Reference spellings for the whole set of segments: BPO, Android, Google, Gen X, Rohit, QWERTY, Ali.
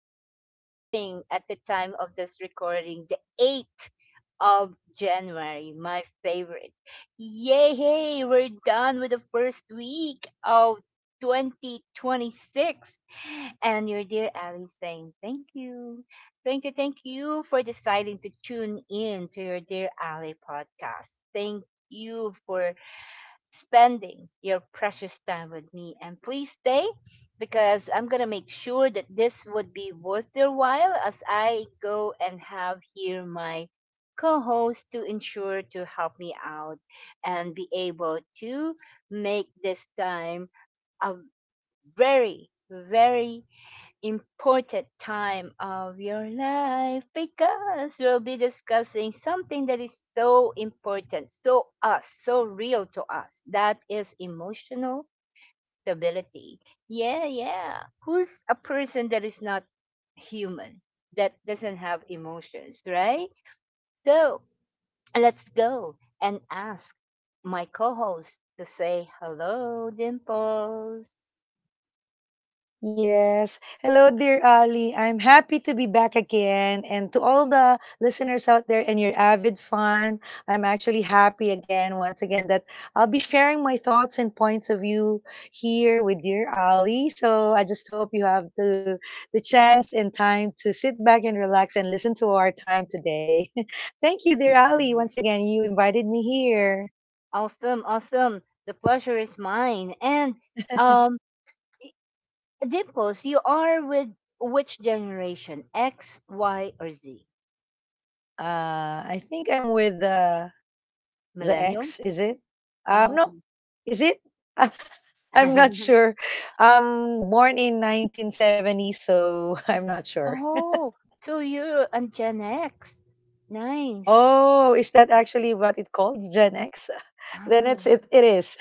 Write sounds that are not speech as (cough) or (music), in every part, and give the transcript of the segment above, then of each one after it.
Thursday morning at the time of this recording, the 8th of January, my favorite. Yay, hey, we're done with the first week of 2026. And your dear Ali saying thank you. Thank you, thank you for deciding to tune in to your dear Ali podcast. Thank you for spending your precious time with me. And please stay because I'm going to make sure that this would be worth your while as I go and have here my co host to ensure to help me out and be able to make this time a very, very important time of your life because we'll be discussing something that is so important, so us, so real to us. That is emotional stability. Yeah, yeah. Who's a person that is not human, that doesn't have emotions, right? So let's go and ask my co host to say hello, Dimples. Yes. Hello, dear Ali. I'm happy to be back again. And to all the listeners out there and your avid fan, I'm actually happy again, once again, that I'll be sharing my thoughts and points of view here with dear Ali. So I just hope you have the chance and time to sit back and relax and listen to our time today. (laughs) Thank you, dear Ali. Once again, you invited me here. Awesome, awesome. The pleasure is mine. And um y- Dimples, you are with which generation? X, Y, or Z? I think I'm with The X, Millennials? is it? Oh. No, is it? (laughs) I'm not (laughs) sure. Born in 1970, so (laughs) I'm not sure. Oh, so you're a Gen X. Nice. Oh, is that actually what it called, Gen X? (laughs) Then Oh. it is.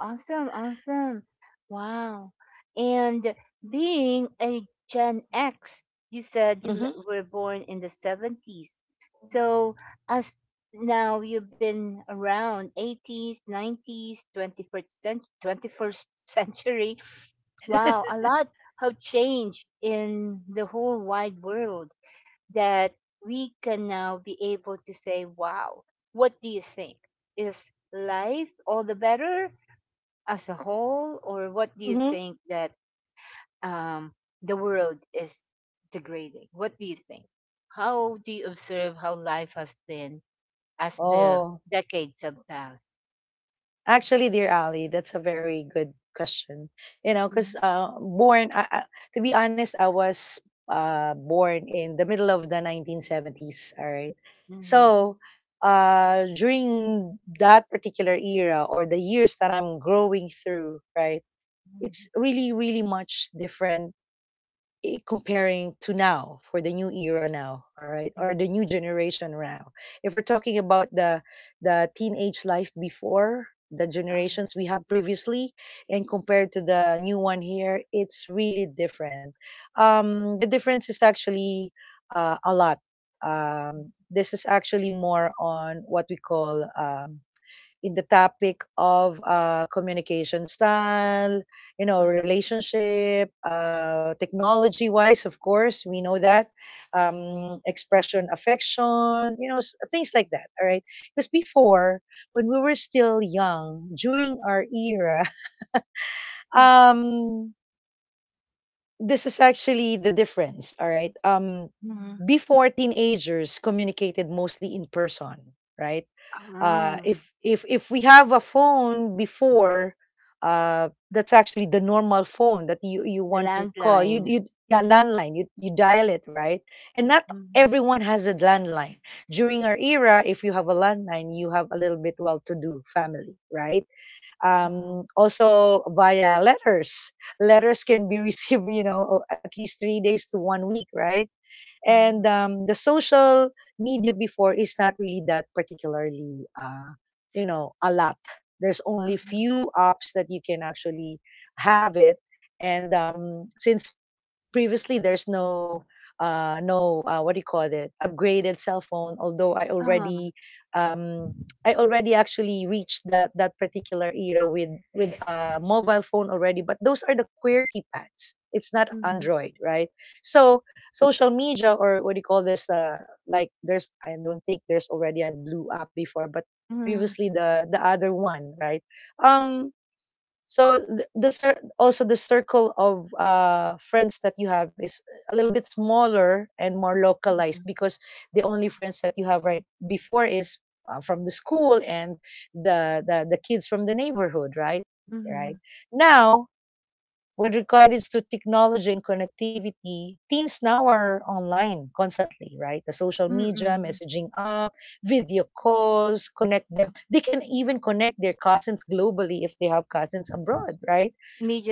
Awesome, awesome. Wow. And being a Gen X, you said Mm-hmm. were born in the 70s. So, as now you've been around 80s, 90s, 21st, 21st (laughs) century. Wow, (laughs) a lot have changed in the whole wide world that we can now be able to say, wow, what do you think? Is life all the better as a whole, or what do you Mm-hmm. think that um, the world is degrading? What do you think? How do you observe how life has been as the Oh, decades have passed? actually, dear Ali, that's a very good question. You know, because Mhm, born, to be honest, I was born in the middle of the 1970s. All right. mhm, So during that particular era or the years that I'm growing through, right, mhm, it's really, really much different comparing to now, for the new era now, all right, mhm, or the new generation now, if we're talking about the teenage life before the ah, generations we have previously and compared to the new one here, it's really different. The difference is actually a lot. This is actually more on what we call in the topic of communication style, you know, ah, relationship, technology wise, of course, we know that, expression, affection, you know, things like that. All right. Because before, when we were still young, during our era, (laughs) mhm, um, this is actually the difference. All right. Mhm, Before, teenagers communicated mostly in person, right? Ah. If we have a phone before, that's actually the normal phone that you The want to call, you landline. you yeah, landline, you dial it, right? And not Mhm, everyone has a landline. During our era, if you have a landline, you have a little bit well to do family, right? ah, Also via letters. Letters can be (laughs) received, you know, at least 3 days to one week, right? ah, And the social media before is not really that particularly, you know, a lot. There's only few apps that you can actually have it. And since previously there's no, no, what do you call it, upgraded cell phone, although ah, ah, um, I already actually reached that particular era with a mobile phone already, but those are the QWERTY pads. It's not mhm, Android, right? So social media or what do you call this like, there's, I don't think there's already a blue app before, but mhm, previously the other one, right? um so also the circle of friends that you have is a little bit smaller and more localized, mhm, because the only friends that you have right before is from the school and the kids from the neighborhood, right? mhm, Right now, with regards to technology and connectivity, teens now are online constantly, right? The social media, mhm. messaging app, video calls connect them. They can even connect their cousins globally if they have cousins abroad, right?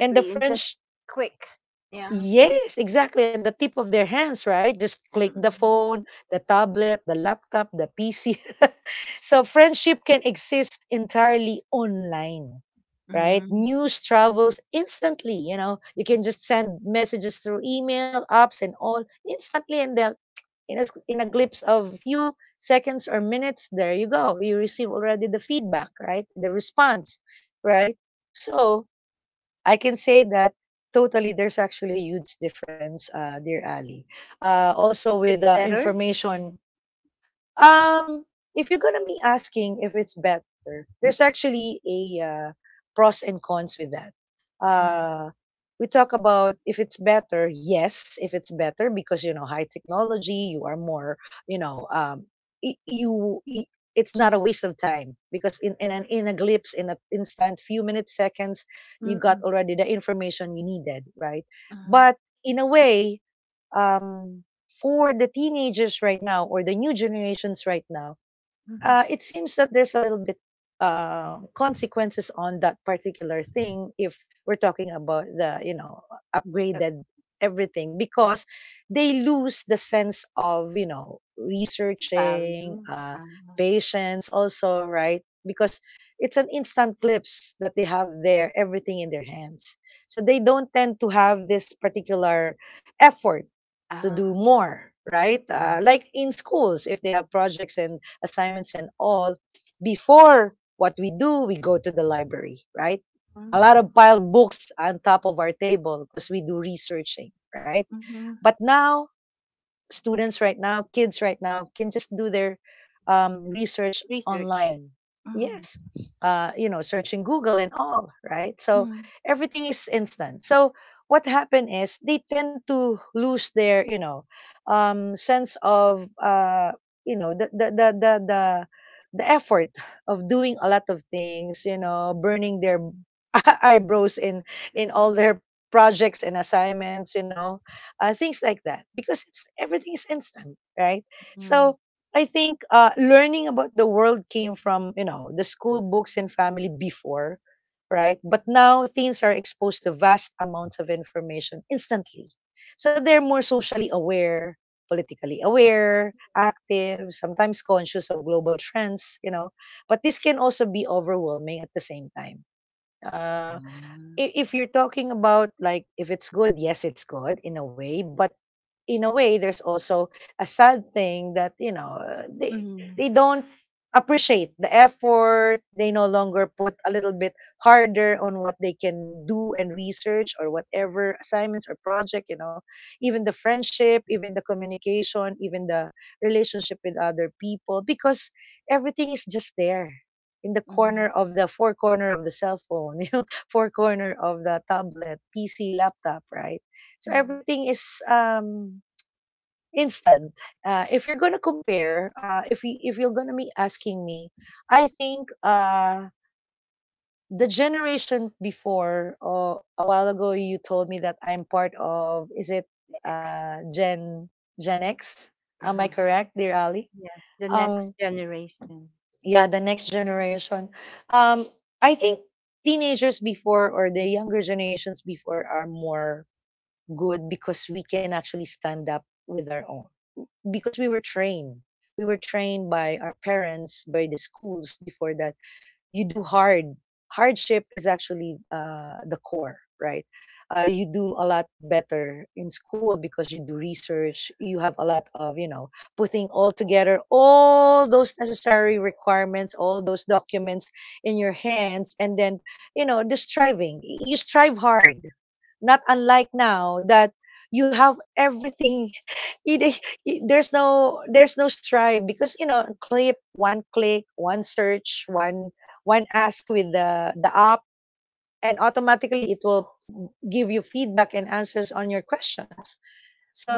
And the and just French, quick. Yeah. yes, exactly. And the tip of their hands, right? Just click the phone, the tablet, the laptop, the PC. (laughs) So friendship can exist entirely online, right? Mm-mm. News travels instantly. You know, you can just send messages through email, apps, and all instantly, and then in a, in a glimpse of few seconds or minutes, there you go. You receive already the feedback, right? The response, right? So I can say that totally there's actually a huge difference, dear Ali. Also It's with better? information, um, if you're gonna be asking if it's better, there's actually a pros and cons with that. Uh, Uh, we talk about if it's better, yes, if it's better because, you know, high technology, you are more, you know, y- you. y- it's not a waste of time because in an in a glimpse, in an instant few minutes, seconds, you got mm-mm, already the information you needed, right? uh, But in a way, um, for the teenagers right now or the new generations right now, mhm. It seems that there's a little bit consequences on that particular thing. If we're talking about the, you know, Uh, upgraded everything, because they lose the sense of, you know, researching, value? Uh, patience also, right? Because it's an instant clips that they have there, everything in their hands, so they don't tend to have this particular effort to do uh, more, right? Like in schools, if they have projects and assignments and all, before what we do, we go to the library, right? A mm, lot of piled books on top of our table because we do researching, right? mhm. But now, students right now, kids right now, can just do their research Research? online. Mhm, Yes, you know, searching Google and all, right? So mhm, everything is instant. So what happened is they tend to lose their, you know, sense of, you know, the effort of doing a lot of things, you know, burning their (laughs) eyebrows in all their projects and assignments, you know, things like that, because it's everything is instant, right? So mhm, I think learning about the world came from, you know, the school books and family before, right? But now, teens are exposed to vast amounts of information instantly, so they're more socially aware, politically aware, active, sometimes conscious of global trends, you know, but this can also be overwhelming at the same time. uh, Uh, if you're talking about like if it's good, yes, it's good in a way, but in a way, there's also a sad thing that, you know, they mhm, they don't appreciate the effort. They no longer put a little bit harder on what they can do and research or whatever assignments or project. You know, even the friendship, even the communication, even the relationship with other people, because everything is just there in the corner mhm, of the four corner of the cell phone, (laughs) you know, four corner of the tablet, PC, laptop, right? So mhm, everything is instant. If you're gonna compare, if you're gonna be asking me, I think the generation before or a while ago, you told me that I'm part of. Is it the X. uh, Gen Gen X? Am I Uh-huh, correct, dear Ali? yes, the Um, next generation. yeah, the next generation. Um, I think teenagers before or the younger generations before are more good, because we can actually stand up with our own, because we were trained. We were trained by our parents, by the schools before, that you do hard. Hardship is actually the core, right? You do a lot better in school because you do research. You have a lot of, you know, putting all together all those necessary requirements, all those documents in your hands, and then, you know, the striving. You strive hard. Not unlike now that you have everything. (laughs) it, it- there's no, there's no strive because, you know, clip one, click one, search one, when ask with the app, and automatically it will give you feedback and answers on your questions.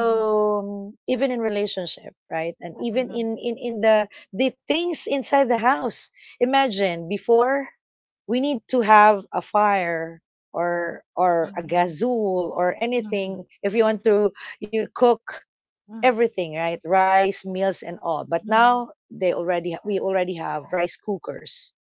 Mhm, even in relationship, right? And even mhm, in the things inside the house. Imagine before, we need to have a fire or a mhm, gazul or anything. mhm, If you want to you cook mhm, everything, right, rice, meals and all. But now mhm, they already we already have rice cookers.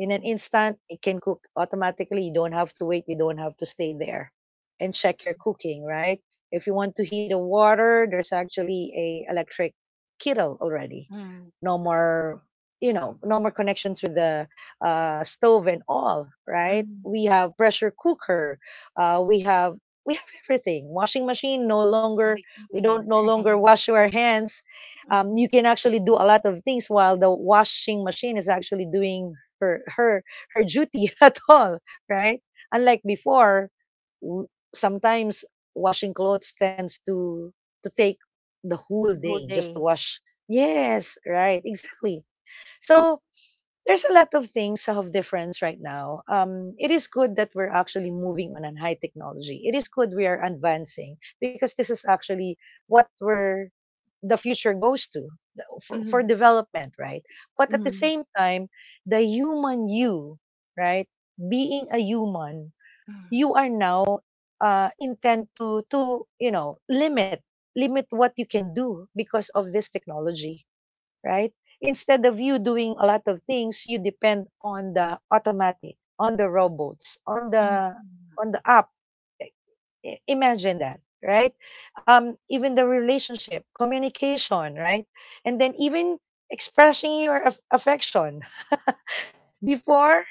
In an instant, it can cook automatically. You don't have to wait, you don't have to stay there and check your cooking, right? If you want to heat a water, there's actually a electric kettle already. mhm, No more, you know, no more connections with the stove and all, right? mhm. We have pressure cooker, we have, we have everything. Washing machine, no longer Make a we don't no wave. (laughs) longer wash our hands. You Mhm. can actually do a lot of things while the washing machine is actually doing her her her duty (laughs) at all, right? Unlike before, w- sometimes washing clothes tends to take the whole The day whole just to day. wash. Yes, right, exactly. So there's a lot of things of difference right now. It is good that we're actually moving on high technology. It is good we are advancing, because this is actually what we're the future goes to for Mhm, development, right? But at the mhm, same time, the human you, right? Being a human, mhm, you are now intent to, you know, limit what you can do because of this technology, right? Instead of you doing a lot of things, you depend on the automatic, on the robots, on the mhm, on the app. Imagine that, right? Even the relationship communication, right? And then even expressing your affection. (laughs) Before,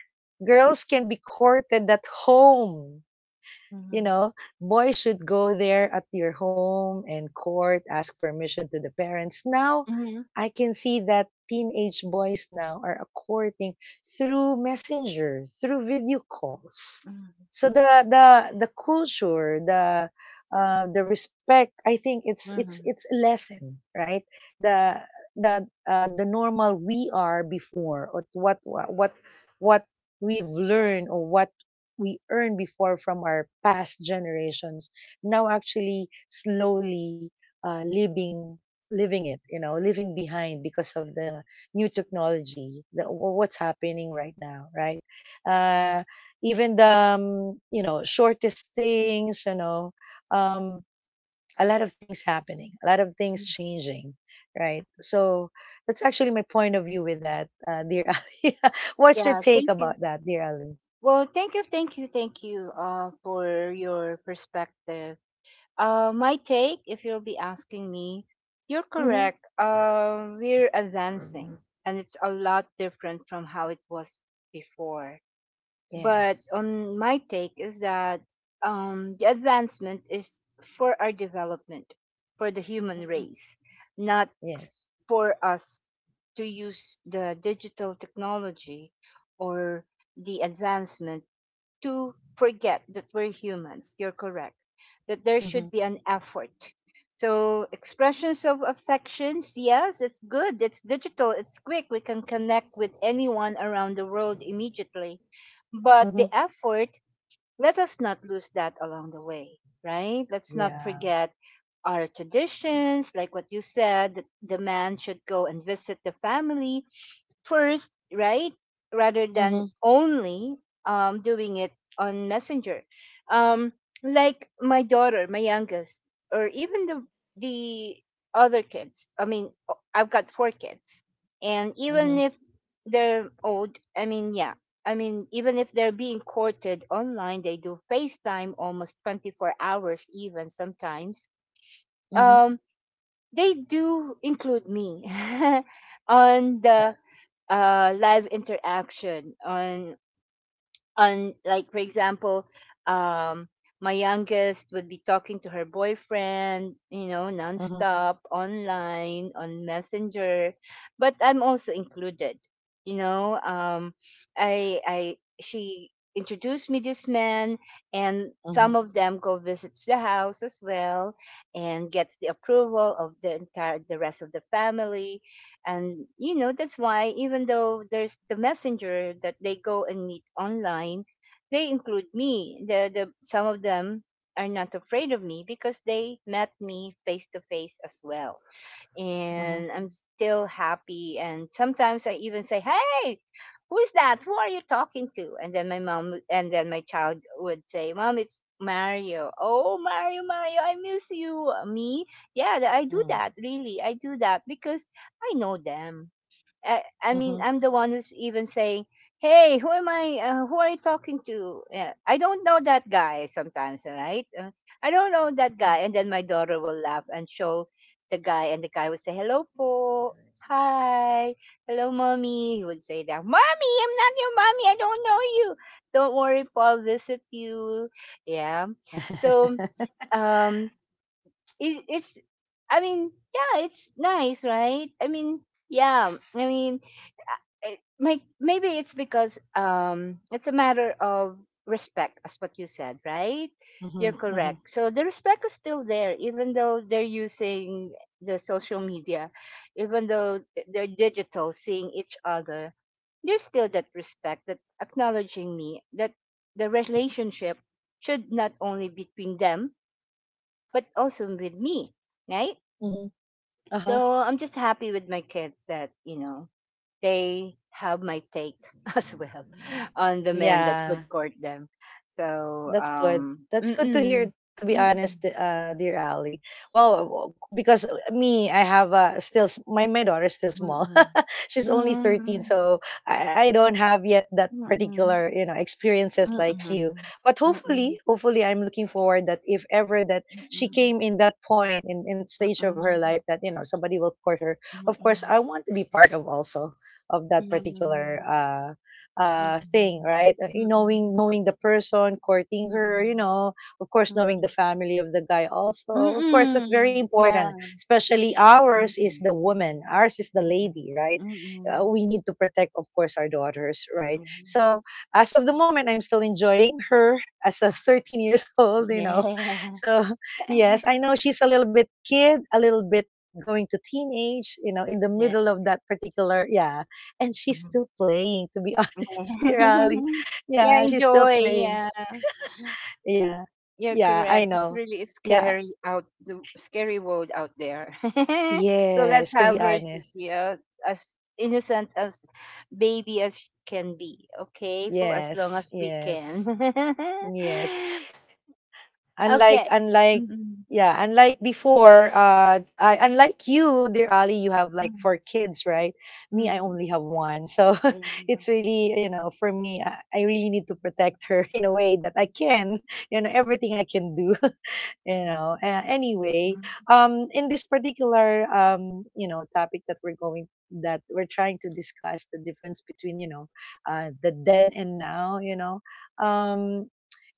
girls can be courted at home you mhm. know, Boys should go there at your home and court, ask permission to the parents. Now, Mm-hmm. I can see that teenage boys now are courting through messenger, through video calls. Mm. So the culture, the respect, I think it's it's Mm-hmm. it's a lesson, right? The the normal we are before, or what we've learned or what we earned before from our past generations now actually slowly uh, living living it living behind because of the new technology, the, what's happening right now, right? Uh, even the um, you know shortest things, you know um, a lot of things happening, a lot of things Yes. changing, right? So that's actually my point of view with that, dear (laughs) Ali. What's your Yeah, take thank you. about that, dear Ali? Well, thank you, thank you, thank you for your perspective. My take, if you'll be asking me, you're Hmm. correct. We're advancing, and it's a lot different from how it was before. But Yes. on my take is that the advancement is for our development, for the human Mhm. race, not Yes. for us to use the digital technology or the advancement to forget that we're humans. You're correct. That there should Mhm. be an effort. So expressions of affections, yes, it's good. It's digital. It's quick. We can connect with anyone around the world immediately. But the Mhm. effort, let us not lose that along the way, right? Let's not Yeah. forget our traditions, like what you said, that the man should go and visit the family first, right? Rather than Mhm. only doing it on Messenger. Um, like my daughter, my youngest, or even the other kids. I mean, I've got four kids, and even Mhm. if they're old, I mean, yeah, I mean, even if they're being courted online, they do FaceTime almost 24 hours, even sometimes. Mhm. Um, they do include me (laughs) on Yeah. the live interaction on like for example um my youngest would be talking to her boyfriend Mhm. nonstop online on messenger, but I'm also included, you know um I she introduced me this man, and Mhm. some of them go visits the house as well, and gets the approval of the rest of the family. And that's why even though there's the messenger that they go and meet online, they include me. The some of them are not afraid of me because they met me face to face as well, Mhm. and I'm still happy. And sometimes I even say, "Hey, who's that? Who are you talking to?" And then my mom and then my child would say, "Mom, it's Mario. Oh, Mario, Mario, I miss you. Me?" Yeah, I do Mm. that. Really, I do that because I know them. I mean, Mhm. I'm the one who's even saying, "Hey, who am I? Who are you talking to? I don't know that guy." Sometimes, right? I don't know that Mhm. guy, and then my daughter will laugh and show the guy, and the guy will say, "Hello, po." Hi, hello, mommy. He would say that, mommy, I'm not your mommy. I don't know you. Don't worry, po. I'll visit you. Yeah. So, Mhm. um, it's, I mean, yeah, it's nice, right? I mean, yeah, I mean, maybe it's because it's a matter of respect, as what you said, right? You're Mhm. correct, so the respect is still there even though they're using the social media, even though they're digital seeing each other. There's still that respect, that acknowledging me, that the relationship should not only between them but also with me, right? Mhm. (laughs) Uh-huh. So I'm just happy with my kids that they have my take (laughs) as well on the men that would Yeah. court them. So, That's good. That's good to mm-mm, hear, to be mm-mm, honest, dear Ali. Well, because me, I have still, my daughter is still small. (laughs) mm-mm, (laughs) She's only mm-mm, 13, so I don't have yet that mm-mm, particular experiences mm-mm, mm-mm, like mm-mm, mm-mm, you. mm-mm, But mm-mm, hopefully mm-mm, hopefully I'm looking forward that if ever that she came in that point in stage of her life that somebody will court her. Of course, I want to be part of also of that particular thing, right? Knowing the person courting mm-mm, her, mm-mm, of course, knowing mm-mm, the family of the guy, also of course. That's very mm-mm, yeah, important, especially ours is mm-mm, the woman, ours is the mm-mm, lady, right? Mm-mm, We need to protect, of course, our daughters, right? So as of the moment, I'm still enjoying her as a (laughs) 13 years old. yeah, (laughs) So yes, I (laughs) know she's a little bit kid, a little bit going to teenage, in the yeah, middle of that particular, yeah. And she's yeah. still playing, to be (laughs) honest, dear Ali. (laughs) Yeah, Yeah, she's still enjoy. playing. Yeah, Yeah. you're Yeah, I correct. It's know. really a Yeah. scary out the scary world out there. (laughs) So let's Yes, to have be her to honest. be as innocent as baby as she can be. Okay, for as long as Yes, we can. yes. (laughs) Yes. Okay. unlike unlike Mm, yeah unlike before, unlike you, dear Ali, you have like mm, four kids, right? Me, I mm. only have one, so Yeah. (laughs) it's really for me, I really need to protect her (laughs) in a way that I can everything I can do (laughs) anyway. Mm. In this particular topic that we're going that we're trying to discuss the difference between the then and now um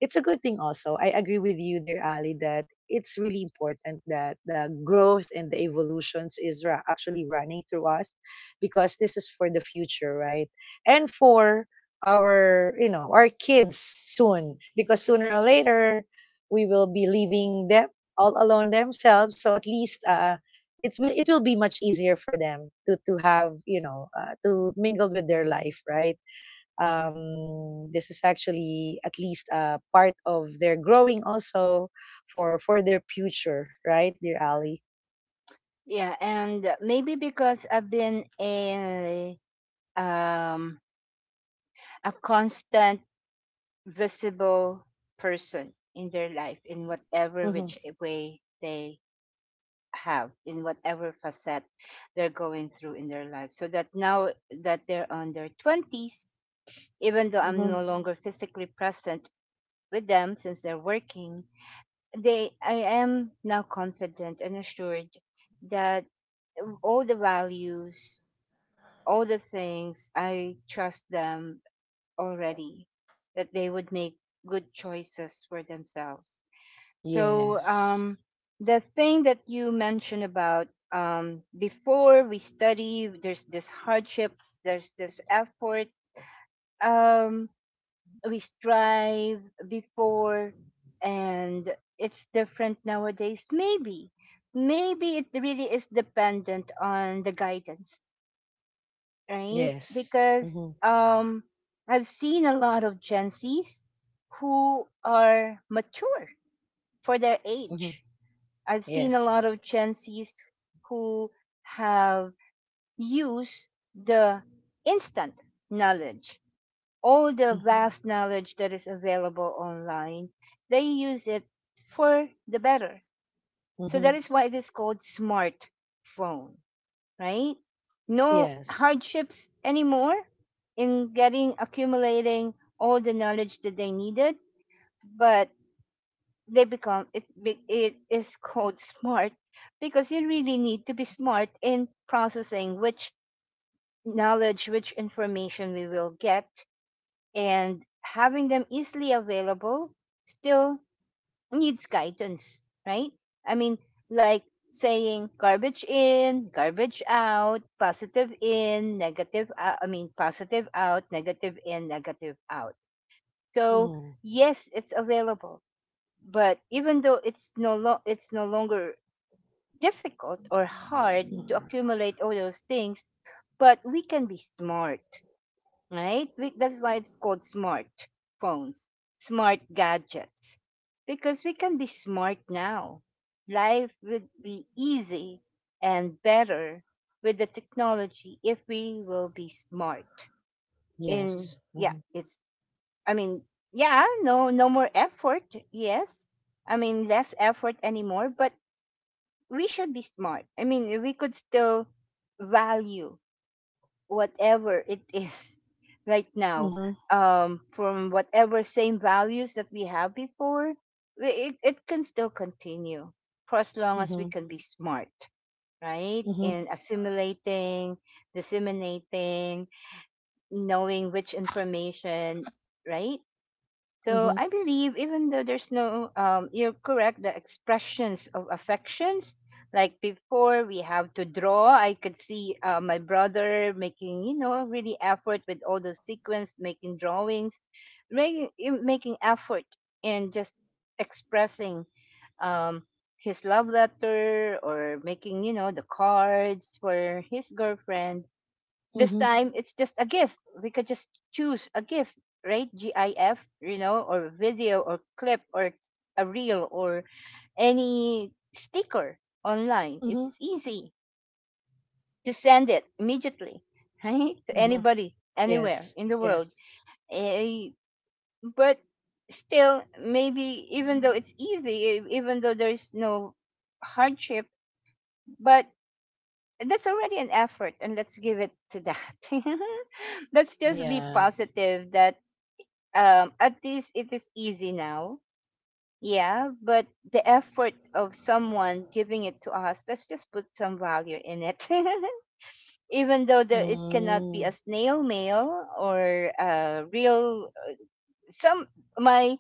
it's a good thing also. I agree with you, dear Ali, that it's really important that the growth and the evolutions is actually running through us, because this is for the future, right? And for our you know our kids soon, because sooner or later we will be leaving them all alone themselves. So at least it's it will be much easier for them to have to mingle with their life, right? This is actually at least a part of their growing also, for their future, right, dear Ali? Yeah, and maybe because I've been a um constant visible person in their life in whatever Mm-hmm. which way they have in whatever facet they're going through in their life, so that now that they're on their 20s, even though I'm Mm-hmm. no longer physically present with them since they're working, they I am now confident and assured that all the values, all the things, I trust them already that they would make good choices for themselves. So Yes. The thing that you mentioned about before, we study, there's this hardships, there's this effort, um, we strive before, and it's different nowadays. Maybe, maybe it really is dependent on the guidance, right? Yes. Because Mm-hmm. I've seen a lot of Gen Zs who are mature for their Mm-hmm. age. I've seen a Yes. lot of Gen Zs who have used the instant knowledge, all the Mm-hmm. vast knowledge that is available online, they use it for the better. So Mm-hmm. that is why it is called smartphone, right? No Yes. hardships anymore in getting accumulating all the knowledge that they needed, but they become it is called smart because you really need to be smart in processing which knowledge, which information we will get, and having them easily available still needs guidance, right? I mean, like saying garbage in garbage out, positive in negative out, I mean positive out, negative in negative out. So Mm. yes, it's available, but even though it's no longer difficult or hard to accumulate all those things, but we can be smart, right? We, that's why it's called smart phones, smart gadgets, because we can be smart now. Life would be easy and better with the technology if we will be smart. In Yes. Yeah, Mm-hmm. it's, I mean, yeah, no, no more effort. Yes, I mean less effort anymore. But we should be smart. I mean, we could still value whatever it (laughs) is right now, Mm-hmm. From whatever same values that we have before. It can still continue for as long as we Mm-hmm. can be smart, right? Mm-hmm. In assimilating, disseminating, knowing which information, right? So I believe even though there's no, you're correct, the expressions of affections, like before we have to draw, I could see my brother making, really effort with all the sequence, making drawings, making effort and just expressing um, his love letter or making, the cards for his girlfriend this Mm-hmm. time, it's just a GIF. We could just choose a GIF, right? GIF, or video or clip or a reel or any sticker online. It's Mhm. easy to send it immediately, (laughs) right? To Mhm. anybody, anywhere Yes. in the world. Yes. Eh, but still, maybe even though it's easy, even though there is no hardship, but that's already an effort, and let's give it to that. (laughs) Let's just be Yeah. positive that at least it is easy now, yeah, but the effort of someone giving it to us, let's just put some value in it. (laughs) Even though it cannot Mm. be a snail mail or a real some, my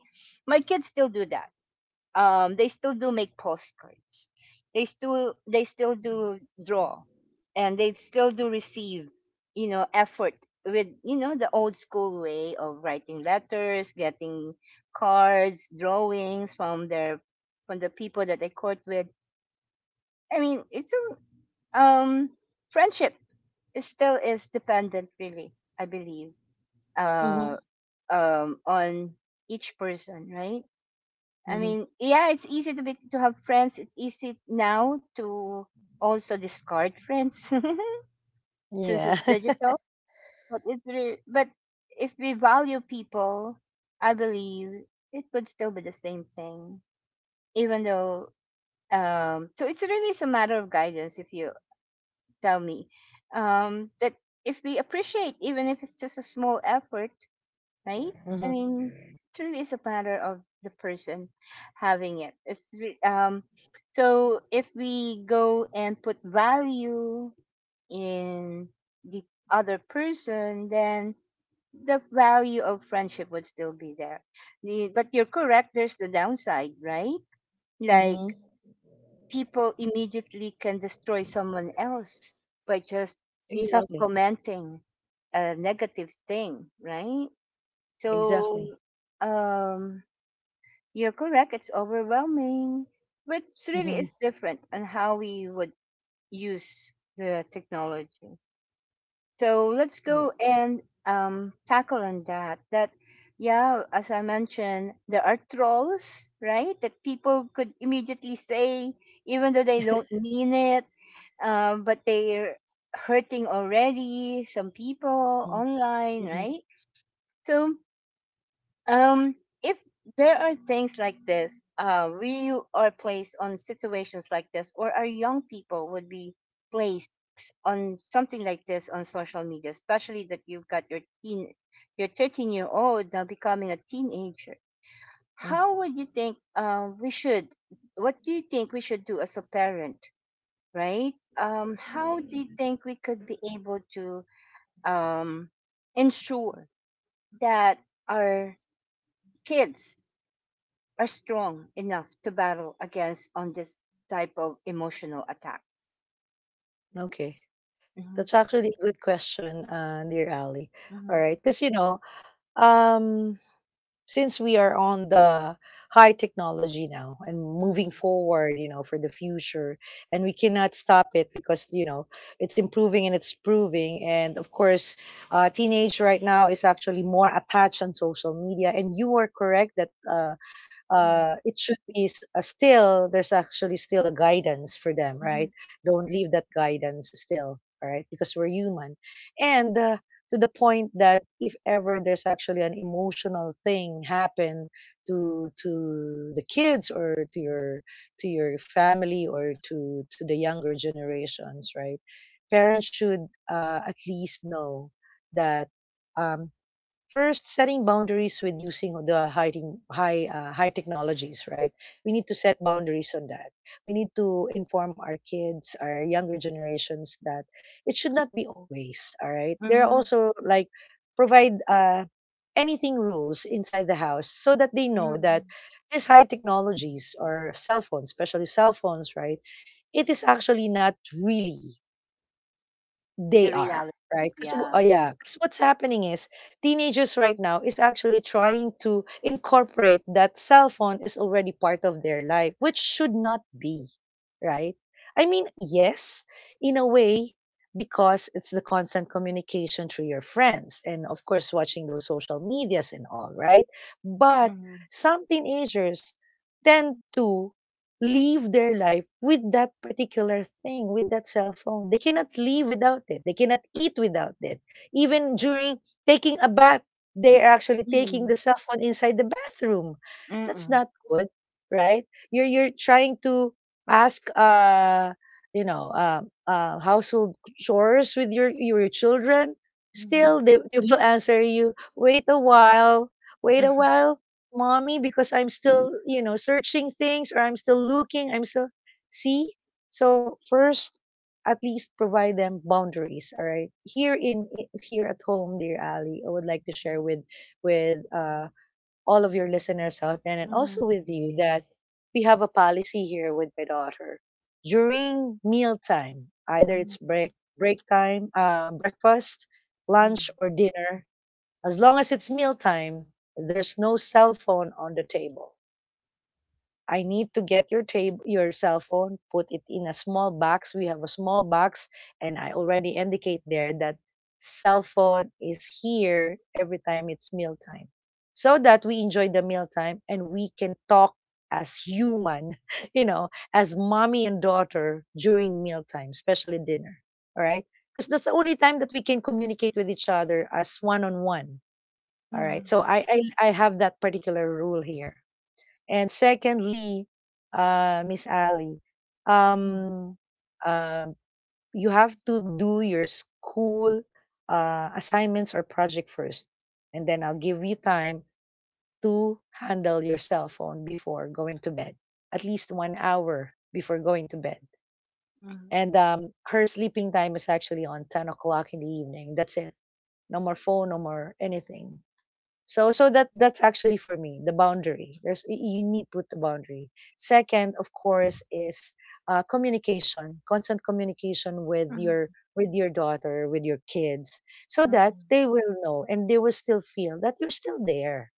my kids still do that. They still do make postcards, they still do draw, and they still do receive, you know, effort with, you know, the old school way of writing letters, getting cards, drawings from their from the people that they court with. I mean, it's a friendship. It still is dependent, really, I believe. Mhm. uh on each person, right? I Mhm. mean, yeah, it's easy to have friends. It's easy now to also discard friends. (laughs) Since Yeah. it's (laughs) digital. But if we value people, I believe it would still be the same thing, even though. So it's really is a matter of guidance. If you tell me that if we appreciate, even if it's just a small effort, right? I Mhm. mean, it really is a matter of the person having it. So if we go and put value in the other person, then the value of friendship would still be there. The, but you're correct. There's the downside, right? Like Mhm. people immediately can destroy someone else by just, you know, Exactly. commenting a negative thing, right? So, Exactly. um, you're correct. It's overwhelming, but it really Mhm. is different on how we would use the technology. So let's Mm. go and tackle on that. That, yeah, as I mentioned, there are trolls, right? That people could immediately say, even though they don't mean it, but they're hurting already some people Mhm. online, Mhm. right? So Um, if there are things like this, we are placed on situations like this, or our young people would be placed on something like this on social media, especially that you've got your teen, your 13-year old now becoming a teenager. Mhm. How would you think, we should? What do you think we should do as a parent, right? How do you think we could be able to um, ensure that our kids are strong enough to battle against on this type of emotional attack. Okay. Mhm, That's actually a good question, dear Ali. All mhm, right. Because, um, since we are on the high technology now and mhm, moving forward for the future, and we cannot stop it because it's improving and it's proving. And of course, teenage right now is actually more attached on social media. And you are correct that mhm, it should be still there's actually still a guidance for them, mhm, right? Don't leave that guidance still, all right? Because we're human. And to the point that if ever there's actually an emotional thing happen to the kids, or to your family, or to the younger generations, right? Parents should at least know that um, First, setting boundaries with using the high technologies, right? We need to set boundaries on that. We need to inform our kids, our younger generations, that it should not be always, all right? There are mhm, also like provide anything rules inside the house, so that they know that mhm. these high technologies or cell phones, especially cell phones, right? It is actually not really they The are, reality, right? Because yeah. yeah, 'cause what's happening is teenagers right now is actually trying to incorporate that cell phone is already part of their life, which should not be, right? I mean, yes, in a way, because it's the constant communication through your friends, and of course watching those social medias and all, right? But Mhm, some teenagers tend to live their life with that particular thing, with that cell phone. They cannot live without it. They cannot eat without it. Even during taking a bath, they are actually taking mhm, the cell phone inside the bathroom. That's mhm, not good, right? You're trying to ask you know uh, household chores with your children. mhm, Still, they will (laughs) answer you. Wait a while. Wait a while, mommy, because I'm still, searching things, or I'm still looking. I'm still, see? So, first, at least provide them boundaries, all right? Here at home, dear Ali, I would like to share with all of your listeners out there, and also mhm, with you, that we have a policy here with my daughter. During mealtime, either it's mhm, break time, breakfast, mhm, lunch or dinner, as long as it's mealtime, there's no cell phone on the table. I need to get your table, your cell phone, put it in a small box. We have a small box, and I already indicate there that cell phone is here every time it's mealtime, so that we enjoy the mealtime and we can talk as human, (laughs) as mommy and daughter during mealtime, especially dinner. All right, because that's the only time that we can communicate with each other as one on one, all right. mhm, So I have that particular rule here. And secondly, Miss Ali, um, um, you have to do your school assignments or project first, and then I'll give you time to handle your cell phone before going to bed, at least 1 hour before going to bed. mhm, And her sleeping time is actually on 10 o'clock in the evening. That's it. No more phone, no more anything. That's actually for me the boundary. There's you need to put the boundary. Second, of course, is communication, constant communication with mhm, your mhm, with your daughter, with your kids, so that they will know and they will still feel that you're still there,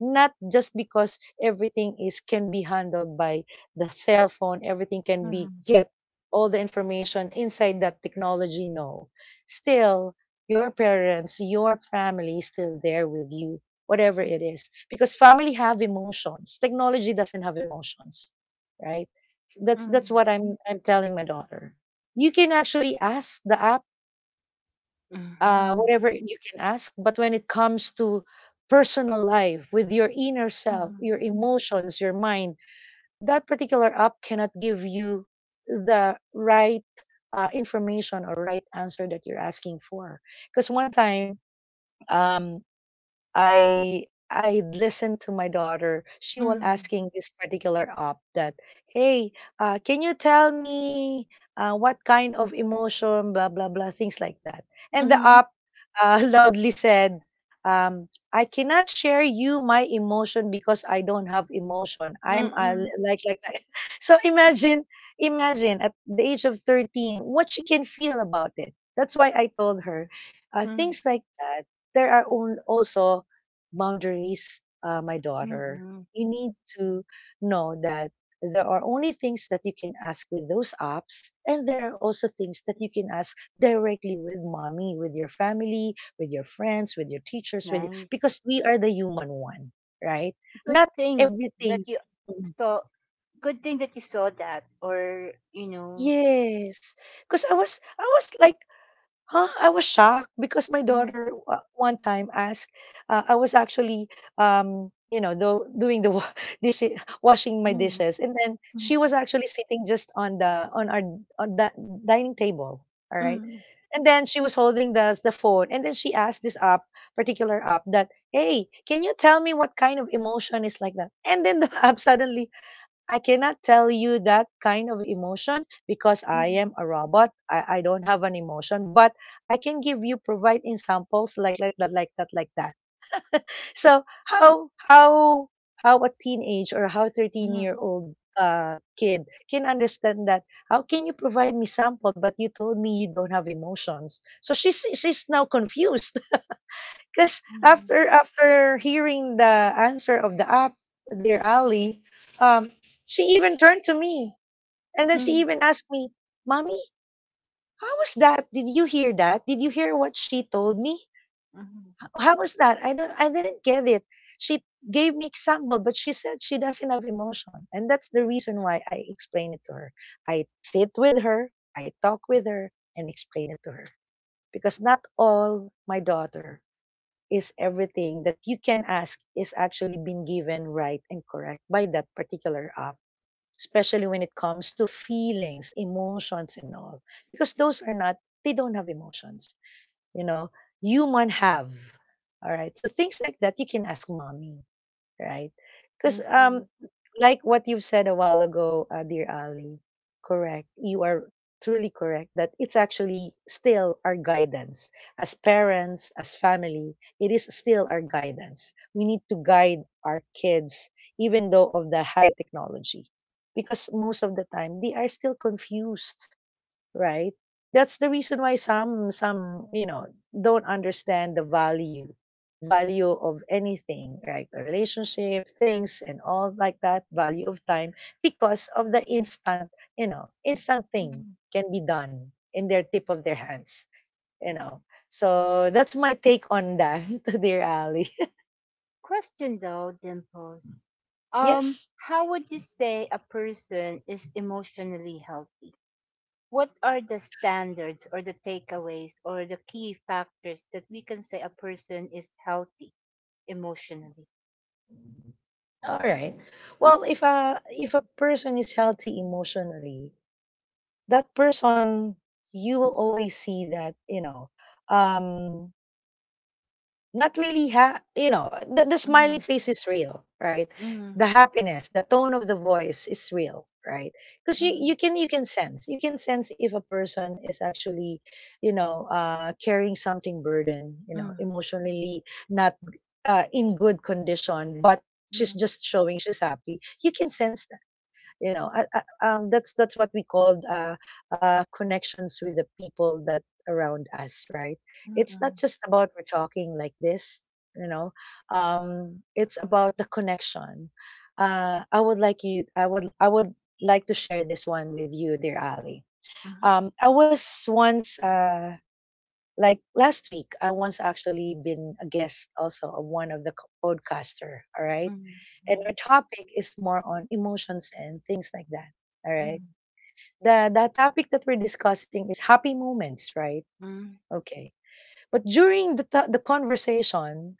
not just because everything is can be handled by the cell phone, everything can be mhm, get all the information inside that technology. No, still your parents, your family is still there with you, whatever mhm, it is, because family have emotions, technology doesn't have emotions, right? That's mhm, what I'm telling my daughter. You can actually ask the app, mhm, whatever you can ask. But when it comes to personal life with your inner self, mhm, your emotions, your mind, that particular app cannot give you the right information or right answer that you're asking for. Because one time, um, I listened to my daughter. She was asking this particular op that, hey, can you tell me what kind of emotion, blah blah blah, things like that. And the mhm, op (laughs) loudly said, I cannot share you my emotion because I don't have emotion. I'm mhm, like that. (laughs) So imagine, imagine at the age of 13, what she can feel about it. That's why I told her, things like that. There are also boundaries, my mhm, daughter, mhm. you need to know that there are only things that you can ask with those apps, and there are also things that you can ask directly with mommy, with your family, with your friends, with your teachers, with you, Nice. because we are the human one, right? Good Not thing everything. that you Mm. saw, that or you know. Yes, because I was like, huh? I was shocked because my Mhm, daughter one time asked. I was actually, doing the (laughs) dish, washing my mhm, dishes. And then mhm, she was actually sitting just on the dining table. All right, mhm, and then she was holding the phone, and then she asked this app, particular app, that hey, can you tell me what kind of emotion is like that? And then the (laughs) app suddenly I cannot tell you that kind of emotion because I am mhm, a robot. I don't have an emotion, but I can give you provide examples like that. So how how a teenage or how 13 year mhm, old kid can understand that? How can you provide me sample but you told me you don't have emotions? So she's now confused (laughs) because mhm, after hearing the answer of the app, dear Ali, um, she even turned to me and then she mhm, even asked me, Mommy, how was that? Did you hear that? Did you hear what she told me? mhm. Oh, how was that? I didn't get it. She gave me example, but she said she doesn't have emotion. And that's the reason why I explain it to her. I sit with her, I talk with her, and explain it to her. Because not all my daughter is everything that you can ask is actually been given right and correct by that particular especially when it comes to feelings, emotions, and all. Because those are not, they don't have emotions. You know, human have. All right. So things like that, you can ask mommy, right? Because Thank you. like what you said a while ago, dear Ali, correct. You are truly correct that it's actually still our guidance as parents, as family. It is still our guidance. We need to guide our kids, even though of the high technology, because most of the time they are still confused, right? That's the reason why some don't understand the value of anything, right? A relationship, things, and all like that. Value of time because of the instant, instant thing Mhm. can be done in their tip of their hands, you know. So that's my take on that, (laughs) dear Ali. Question though, Dimples. (laughs) um Yes. how would you say a person is emotionally healthy? What are the standards or the takeaways or the key factors that we can say a person is healthy emotionally? All right. Well, if a person is healthy emotionally, that person you will always see that um not really you know the smiling Mhm, face is real, right? mhm, The happiness, the tone of the voice is real, right? Because mhm, you can sense, you can sense if a person is actually, you know, carrying something burden, you know, mhm, emotionally, not in good condition, but she's mm, just showing she's happy. You can sense that, you know. That's what we called connections with the people that around us, right? It's not mm, just about we're talking like this, you know. It's about the connection. I would like to share this one with you, dear Ali. mm, I was once like last week, I once actually been a guest also of one of the podcaster, all right? mhm, And our topic is more on emotions and things like that. All right. mm, The topic that we're discussing is happy moments, right? mm, Okay. But during the the conversation,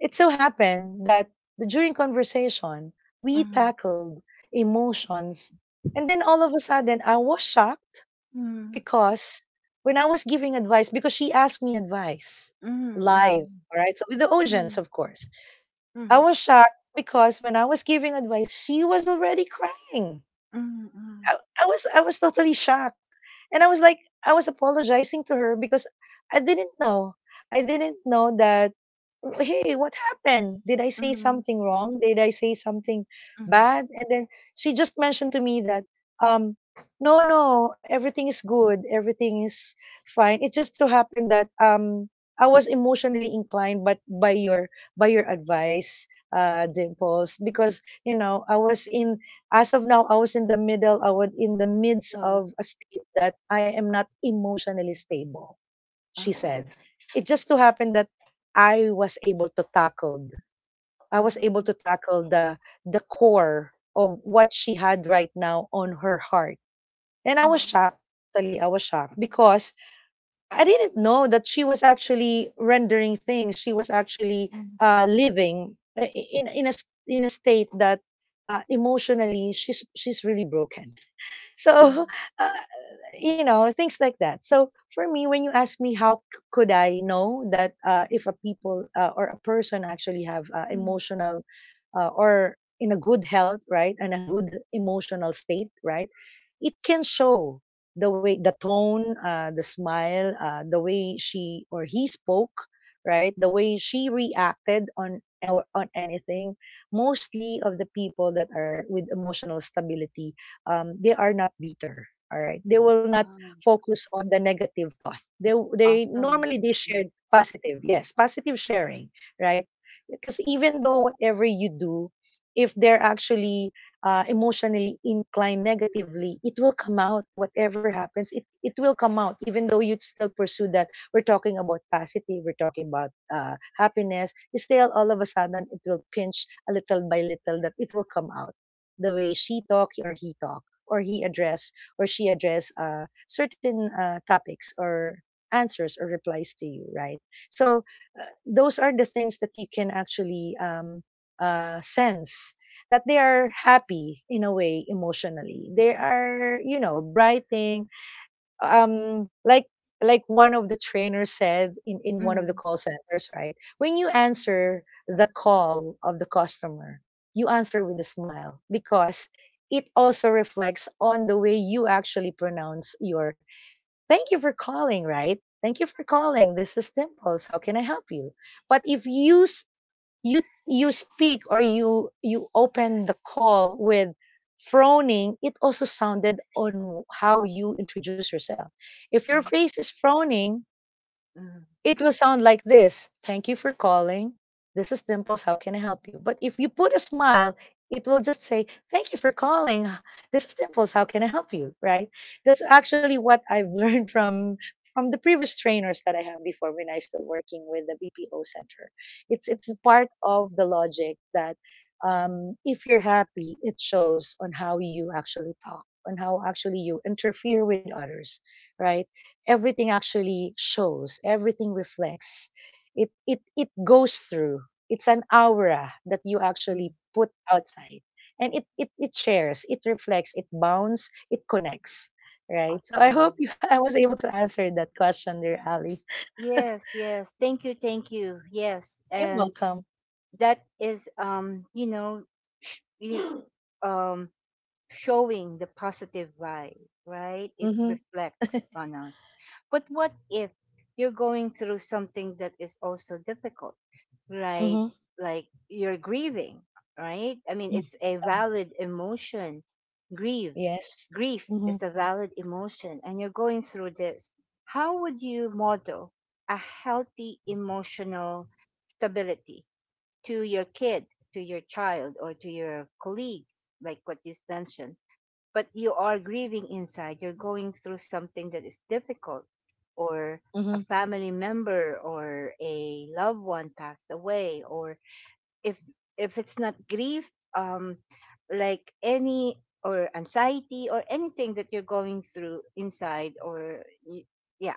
it so happened that during conversation, we mm, tackled emotions, and then all of a sudden I was shocked mm, because when I was giving advice, because she asked me advice live, mm, all right? So with the audience, mm, of course. mm, I mm, was shocked because when I was giving advice, she was already crying. mm, mm, mm, I, I was totally shocked. And I was like I was apologizing to her because I didn't know. I didn't know that hey, what happened? Did I say mm, something wrong? Did I say something mm. bad? And then she just mentioned to me that, um, no, no, everything is good. Everything is fine. It just so happened that, I was emotionally inclined, but by your advice, Dimples, because, you know, as of now, I was in the midst Good. of a state that I am not emotionally stable, she Oh, said. It just so happened that I was able to tackle oh, I was able mm, to tackle the core of what she had right now on her heart. And I was shocked. Actually, I was shocked because I didn't know that she was actually rendering things. She was actually mm, living in in a state that emotionally she's really broken. (laughs) mm, So uh, you know, things like that. So for me, when you ask me how could I know that, if a people, or a person actually have, mm. emotional, or in a good health, right, and a good emotional state, right, it can show the way, the tone, the smile, the way she or he spoke, right, the way she reacted on or on anything. Mostly of the people that are with emotional stability, they are not bitter. All right, they will not Ah, focus on the negative thought. They awesome. normally they Yes. shared positive, yes, positive sharing, right? Because even though whatever you do, if they're actually, emotionally inclined negatively, it will come out. Whatever happens, it will come out, even though you'd still pursue that we're talking about positive, we're talking about, happiness. You still all of a sudden it will pinch a little by little that it will come out the way she talk or he talk, or he address or she address, certain, topics or answers or replies to you, right? So those are the things that you can actually, sense, that they are happy in a way emotionally. They are, you know, brighting. Um, like like one of the trainers said in one of the Mm, call centers, right? When you answer the call of the customer, you answer with a smile because it also reflects on the way you actually pronounce your Thank you for calling, right? Thank you for calling. This is Dimples. How can I help you? But if you you speak or you open the call with frowning, it also sounded on how you introduce yourself. If your mm, face is frowning, mm, it will sound like this. Thank you for calling. This is Dimples. How can I help you? But if you put a smile, it will just say, Thank you for calling. This is Dimples. How can I help you? Right? That's actually what I've (laughs) learned from. From the previous trainers that I had before when I still working with the BPO center, it's part of the logic that, if you're happy, it shows on how you actually talk, on how actually you interfere with others, right? Everything actually shows, everything reflects, it goes through. It's an aura that you mm. actually put outside, and it shares, it reflects, it bounds, it connects, right? So I Awesome. hope (laughs) you, I was able to answer that question, dear Ali. Yes, yes. Thank you, thank you. Yes. You're And welcome. that is, you know, sh- you um showing the positive vibe, right? It Mm-hmm, reflects on us. But what if you're going through something that is also difficult, right? mm-hmm, Like you're grieving, right? I mean, it's a valid emotion. Grieve, yes, grief mm-hmm, is a valid emotion, and you're going through this. How would you model a healthy emotional stability to your kid, to your child, or to your colleagues, like what you mentioned? But you are grieving inside. You're going through something that is difficult, or a mm-hmm, family member or a loved one passed away, or if if it's not grief, um, like any or anxiety or anything that you're going through inside, or yeah,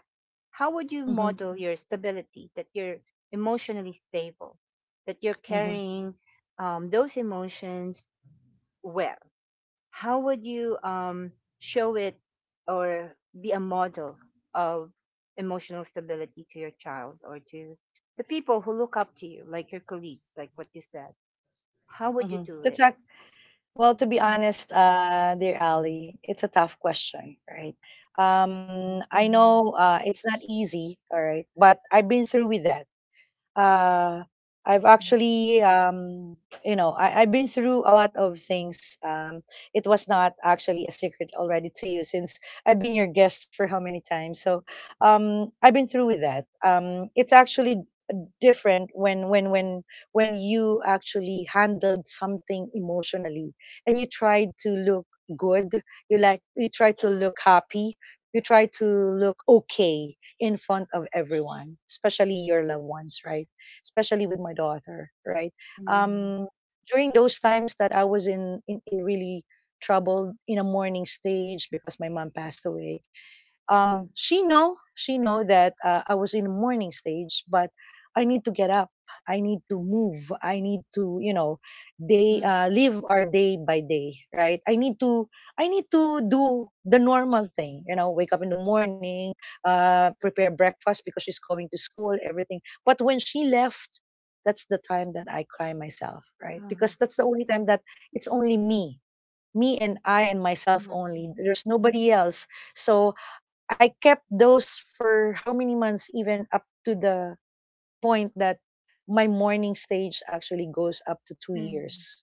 how would you mm-hmm, model your stability that you're emotionally stable, that you're mm-hmm. carrying those emotions well? How would you show it or be a model of emotional stability to your child or to the people who look up to you, like your colleagues, like what you said? How would you Mm-hmm. do it? Well, to be honest, dear Ali, it's a tough question, right? Mhm, I mhm, know it's not easy, all right, but I've been through with that. Uh, I've mhm, actually, you know, I've been through a lot of things. It was not actually a secret already to you since I've been your guest for how many times. So I've been through with that. It's actually different when you actually handled something emotionally, and you tried to look good. You like you try to look happy, you try to look okay in front of everyone, especially your loved ones, right? Especially with my daughter, right? mhm, mhm, um during those times that I was in in really trouble in a mourning stage because my mom passed away, she know that I was in the morning stage, but I need to get up. I need to move. I need to, you know, day live our day by day, right? I need to do the normal thing, you know, wake up in the morning, prepare breakfast because she's going to school, everything. But when she left. That's the time that I cry myself, right? Because that's the only time that it's only me, me and I and myself only. mhm, There's nobody else. So I kept those for how many months, even up to the point that my morning stage actually goes up to two mhm, years.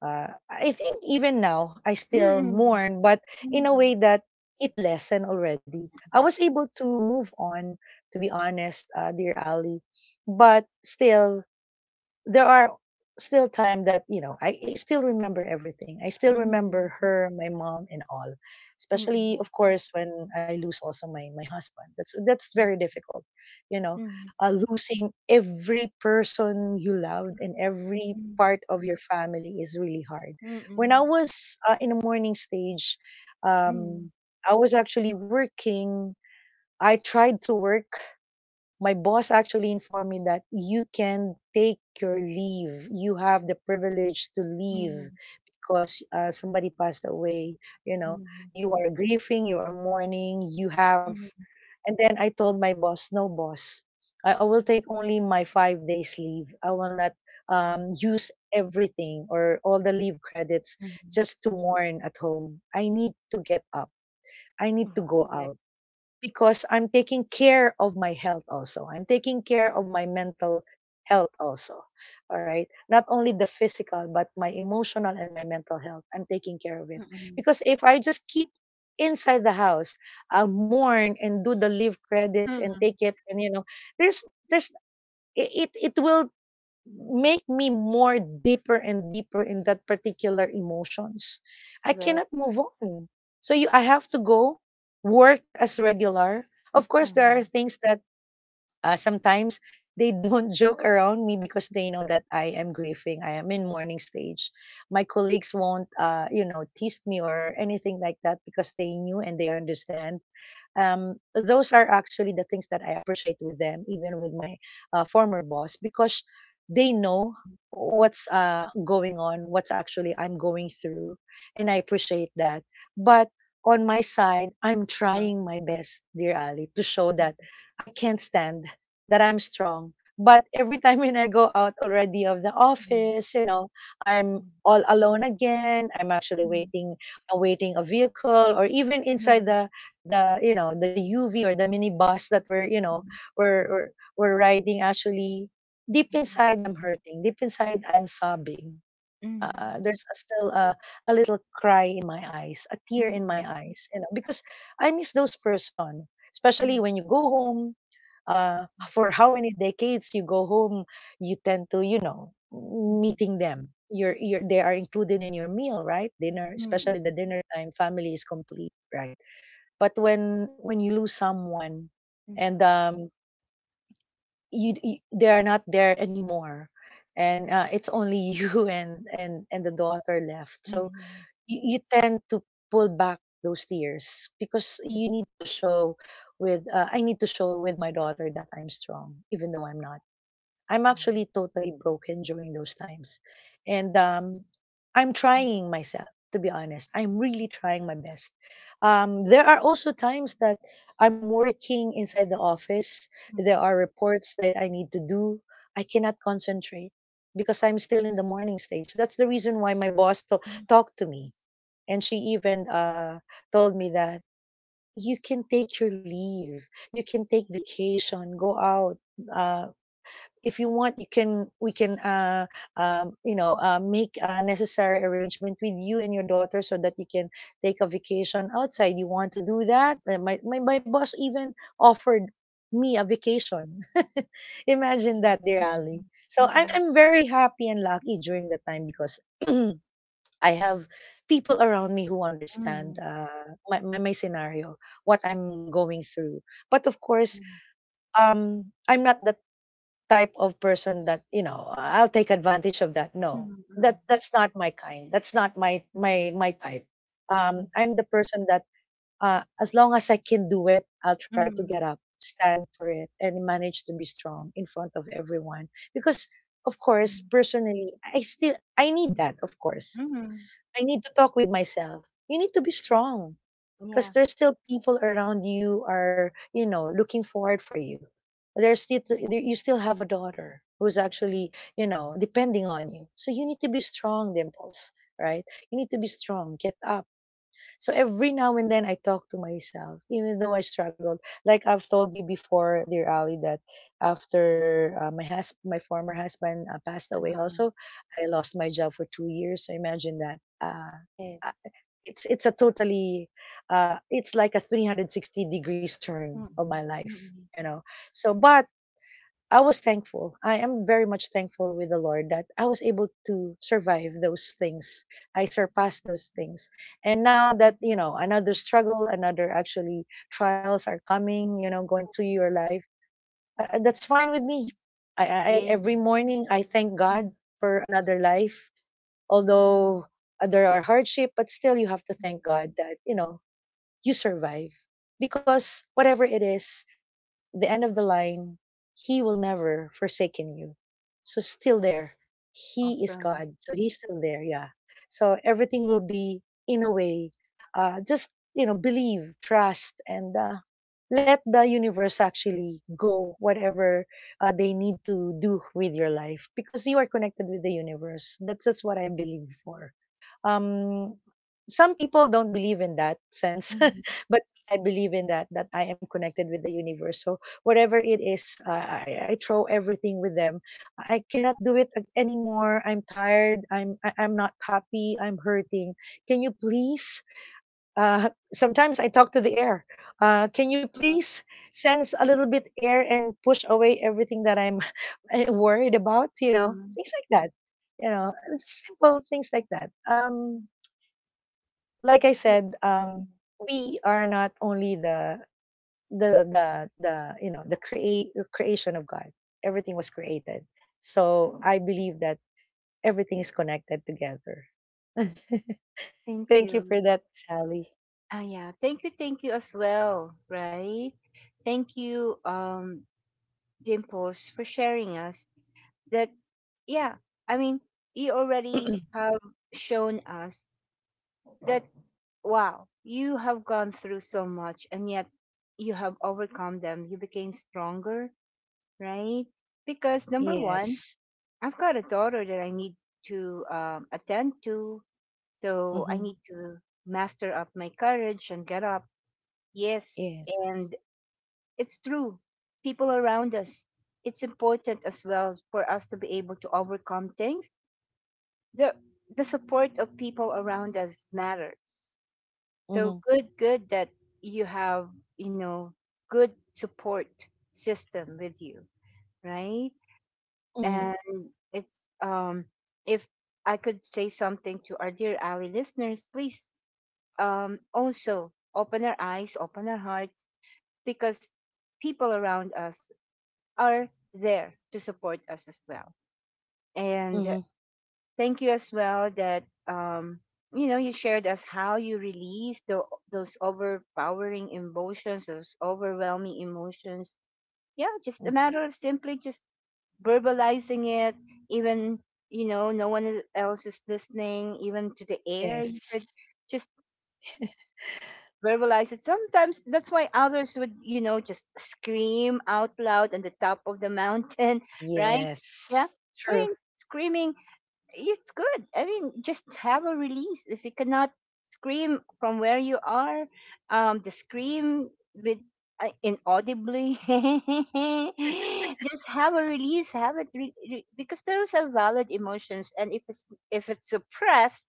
I think even now, I mhm, mhm, still mhm, mhm, mhm, mhm, mhm, mhm, mourn, but in a way that it lessened already. I was able to move on, to be honest, dear Ali. But still, there are still time that I still remember everything. I still remember her, my mom, and all, especially of course when I lose also my husband. That's very difficult, you know Losing every person you loved and every part of your family is really hard. When I mhm, was in the morning stage, mhm, um I was actually working. I tried to work. My boss actually informed me that you can take your leave. You have the privilege to leave mhm, because somebody passed away. You mhm, know, mhm. you are grieving, you are mourning, you have. And then I told my boss, no, boss, I will take only my 5 days leave. I will not use everything or all the leave credits Mhm. just to mourn at home. I need to get up. I need to Mhm. go out because I'm taking care of my health also. I'm taking care of my mental health also. All right. Not only the physical, but my emotional and my mental health. I'm taking care of it. Mm, Because if I just keep inside the house, I'll mourn and do the leave credits and mm, take it. And, you know, there's, there's, it will make me more deeper and deeper in that particular emotions. I cannot correct. move on. So you I have to go work as regular. Of course there are Uh-huh, things that sometimes they don't (laughs) joke around me because they know that I am grieving. I am in mourning stage. My colleagues won't, tease me or anything like that because they knew and they understand. Those are actually the things that I appreciate with them, even with my former boss, because they know mm, what's going on, what's actually I'm going through, and I appreciate that. But on my side, I'm uh-huh, trying my best, dear Ali, to show that mm, I can't stand, that I'm strong. But every time when I go out already of the mm, office, you know, I'm all alone again. I'm actually mm, waiting, awaiting a vehicle, or even mm, inside mhm, the the UV or the minibus that we're, mm, we're we're, we're riding. Actually, deep inside I'm hurting. Deep inside I'm sobbing. mhm, Still a little cry in my eyes, a tear in my mm, eyes, you know, because I miss those person, especially mm, when you go home, uh, for how many decades you go home, you tend to, you know, meeting them. They are included in your meal, right? Dinner, mm, especially mm, the dinner time, family is complete, right? But when you lose someone, and mm, you they are not there anymore, and it's only (laughs) you and the daughter left. mhm, So mhm, you tend to pull back those tears because mhm, you need to show with I need to show with my daughter that I'm strong even though I'm not. I'm actually totally broken during those times. And I'm trying myself to be honest. I'm really trying my best. There are also times that I'm working inside the office. There mhm, are reports that I need to do. I cannot concentrate because I'm still in the morning stage. That's the reason why my boss mhm, mhm, mhm, mhm, mhm, talked to me and she even told me that you can take your leave, you can take vacation, go out. Uh, if you want, you can. We can, make a necessary arrangement with you and your daughter so that you can take a vacation outside. You want to do that? My my boss even offered me a vacation. (laughs) Imagine that, dear Ali. So I'm mhm, I'm very happy and lucky during the time because (clears throat) I have people around me who mhm, understand mhm, my my scenario, what I'm going through. But of course, I'm not the type of person that I'll take advantage of that. No, that's not my kind. That's not my my type. I'm the person that as long as I can do it, I'll try to get mhm, up, stand for it, and manage to be strong in front of everyone because. Of course, mhm, personally, I still I need that, of course mhm. I need to talk with myself. You need to be strong because Yes. there's still people around you are, you know, looking forward for you. There's still there, you still have a daughter who's actually, you know, depending on you. So you need to be strong, Dimples, right? You need to be strong. Get up. So every now and then I talk to myself, even though I struggled. Like I've told you before, dear Ali, that after my my former husband passed away, Uh-huh. also I lost my job for 2 years. So imagine that. Yes. uh, it's a totally, it's like a 360 degrees turn Mm, of my life, mm, you know. So, but I was thankful. I am very much thankful with the Lord that I was able to survive those things. I surpassed those things. And now that, you know, another struggle, another actually trials are coming, you know, going through your life, that's fine with me. Yeah. Every morning I thank Mm, God for another life. Although there are hardship, but still you have to thank God that, you know, you survive because whatever it is, the end of the line, He will never forsaken you. So still there. He is awesome. God. So He's still there. Yeah. So everything will be in a way. Just you know, believe, trust, and let the universe actually go whatever they need to do with your life because you are connected with the universe. That's what I believe for um some people don't believe in that sense Mm, (laughs) but I believe in that, that I am connected with the universe. So whatever it is, I throw everything with them. I cannot do it anymore. I'm tired. I'm not happy, I'm hurting. Can you please, sometimes I talk to the air, can you please sense a little bit air and push away everything that I'm (laughs) worried about, you know, uh things like that, you know just simple things like that. Like I said, we are not only the the create creation of God. Everything was created, so I believe that everything is connected together. (laughs) thank Thank you for you. that, Sally. Ah, yeah. Thank you. Thank you as well. Right. Thank you, Dimples, for sharing us that. Yeah. I mean, you already have shown us that. Wow, you have gone through so much, and yet you have overcome them. You became stronger, right? Because number one, Yes. I've got a daughter that I need to, attend to, so I Mm-hmm. need to master up my courage and get up. Yes, Yes. and it's true. People around us. It's important as well for us to be able to overcome things. The the support of people around us matter. So Mm-hmm. good, good that you have, you know, good support system with you, right? Mm-hmm. And it's, if I could say something to our dear Ali listeners, please also open our eyes, open our hearts because people around us are there to support us as well. And Mm-hmm. thank you as well that, you know, you shared us how you release the, those overpowering emotions, those overwhelming emotions. Yeah, just Mm-hmm. a matter of simply just verbalizing it, even, you know, no one else is listening, even to the air. You Yes. could just verbalize it. Sometimes that's why others would, you know, just scream out loud on the top of the mountain, (laughs) right? Yeah. Yes. I True. mean, screaming, it's good. I mean, just have a release. If you cannot scream from where you are, just scream with inaudibly. (laughs) Just have a release. Have it because those are valid emotions, and if it's, suppressed,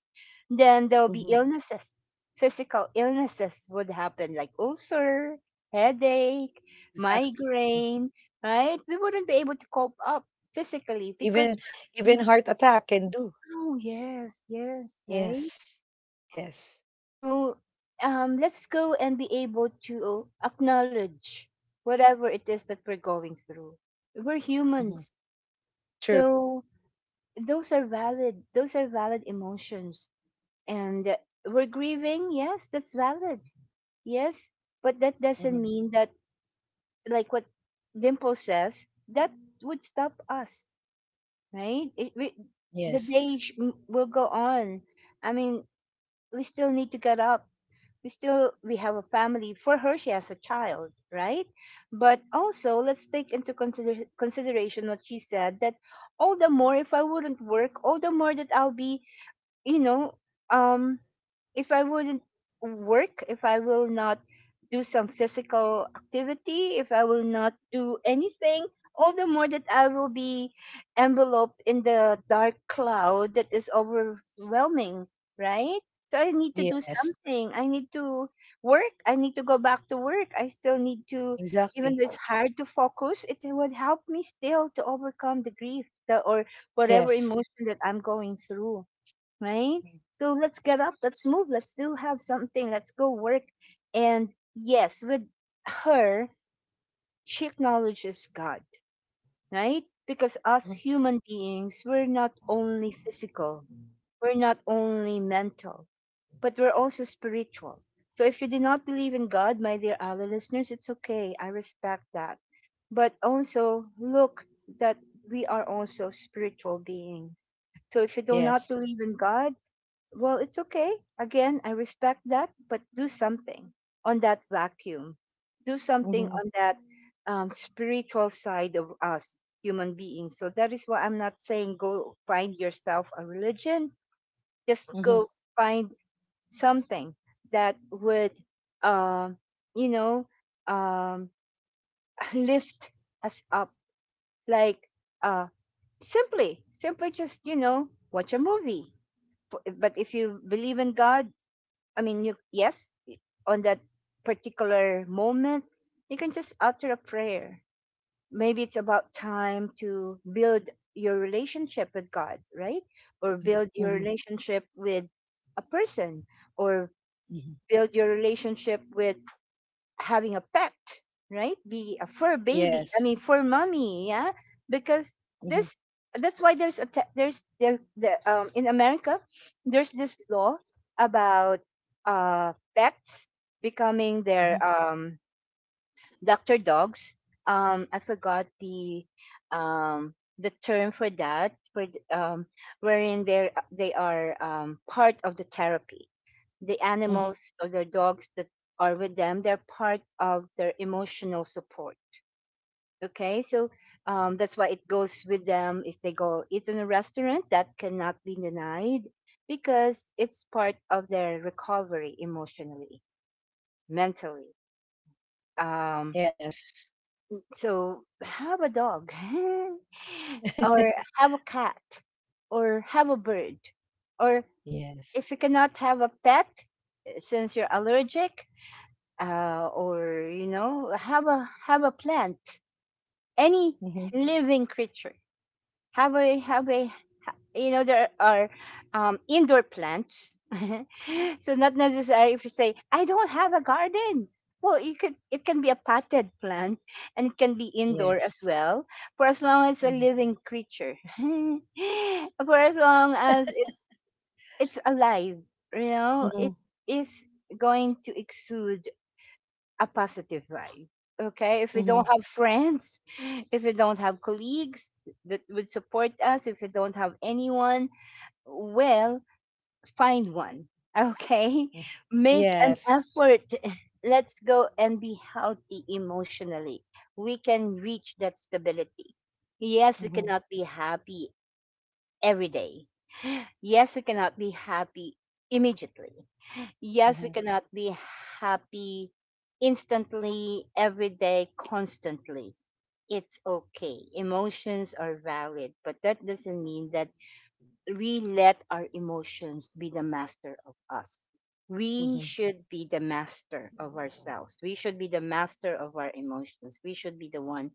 then there will be Mm-hmm. illnesses. Physical illnesses would happen, like ulcer, headache, Exactly. Mm. migraine. Right? We wouldn't be able to cope up physically because. Even Mm-hmm. heart attack can do. Oh, yes, yes, right? Yes. Yes. So, let's go and be able to acknowledge whatever it is that we're going through. We're Mm-hmm. humans. True. So those are valid. Those are valid emotions. And, we're grieving. Yes, that's valid. Yes. But that doesn't Mhm. mean that, like what Dimple says, that would stop us, right? The Yes. Will go on. I mean, we still need to get up. We have a family for her, she has a child, right? But also let's take into consideration what she said, that all the more if I wouldn't work, all the more that I'll be, you know, um, if I wouldn't work, if I will not do some physical activity, if I will not do anything, all the more that I will be enveloped in the dark cloud that is overwhelming, right? So I need to do Yes. something. I need to work. I need to go back to work. I still need to, Exactly. even though it's hard to focus, it would help me still to overcome the grief, or whatever Yes. emotion that I'm going through, right? So let's get up, let's move, let's do have something, let's go work. And yes, with her, she acknowledges God, right? Because us Mm-hmm. human beings, we're not only physical, we're not only mental, but we're also spiritual. So if you do not believe in God, my dear other listeners, it's okay. I respect that. But also look that we are also spiritual beings. So if you do not Yes. believe in God, well, it's okay. Again, I respect that, but do something on that vacuum. Do Mm-hmm. something on that, spiritual side of us human beings. So that is why I'm not saying go find yourself a religion. Just Mm-hmm. go find something that would, um, you know, um, (laughs) lift us up. Like, uh, simply, simply just, you know, watch a movie. But if you believe in God, I mean, you, yes, on that particular moment, you can just utter a prayer. Maybe it's about time to build your relationship with God, right? Or build your Mm-hmm. relationship with a person, or Mm-hmm. build your relationship with having a pet, right? Be a fur baby. Yes. I mean, fur mommy, yeah. Because Mm-hmm. this, that's why there's a there's the in America, there's this law about pets becoming their Mm-hmm. Doctor dogs. I forgot um the term for that for wherein they are part of the therapy, the Mm-hmm. animals or their dogs that are with them, they're part of their emotional support. Okay, so that's why it goes with them. If they go eat in a restaurant, that cannot be denied because it's part of their recovery emotionally, mentally, um, Yes. so have a dog (laughs) or (laughs) have a cat or have a bird, or if you Yes. cannot have a pet, since you're allergic, or you know have a plant, any Mm-hmm. living creature. Have a you know, there are indoor plants. (laughs) So not necessary. If you say I don't have a garden, well, you could, it can be a potted plant and it can be indoor as Yes. well, for as long as it's a Mm-hmm. living creature. (laughs) For as long as it's alive, you know, it Mm-hmm. is going to exude a positive vibe. Okay. If we don't have friends, if we don't have colleagues that would support us, if we don't have anyone, well, find one. (laughs) Okay. Mm-hmm. Make an Yes. effort. (laughs) Let's go and be healthy emotionally. We can reach that stability. Yes, we Mm-hmm. cannot be happy every day. (sighs) Yes, we cannot be happy immediately. Yes, we Uh-huh. cannot be happy instantly, every day, constantly. It's okay. Emotions are valid, but that doesn't mean that we let our emotions be the master of us. We Mm-hmm. should be the master of ourselves. We should be the master of our emotions. We should be the one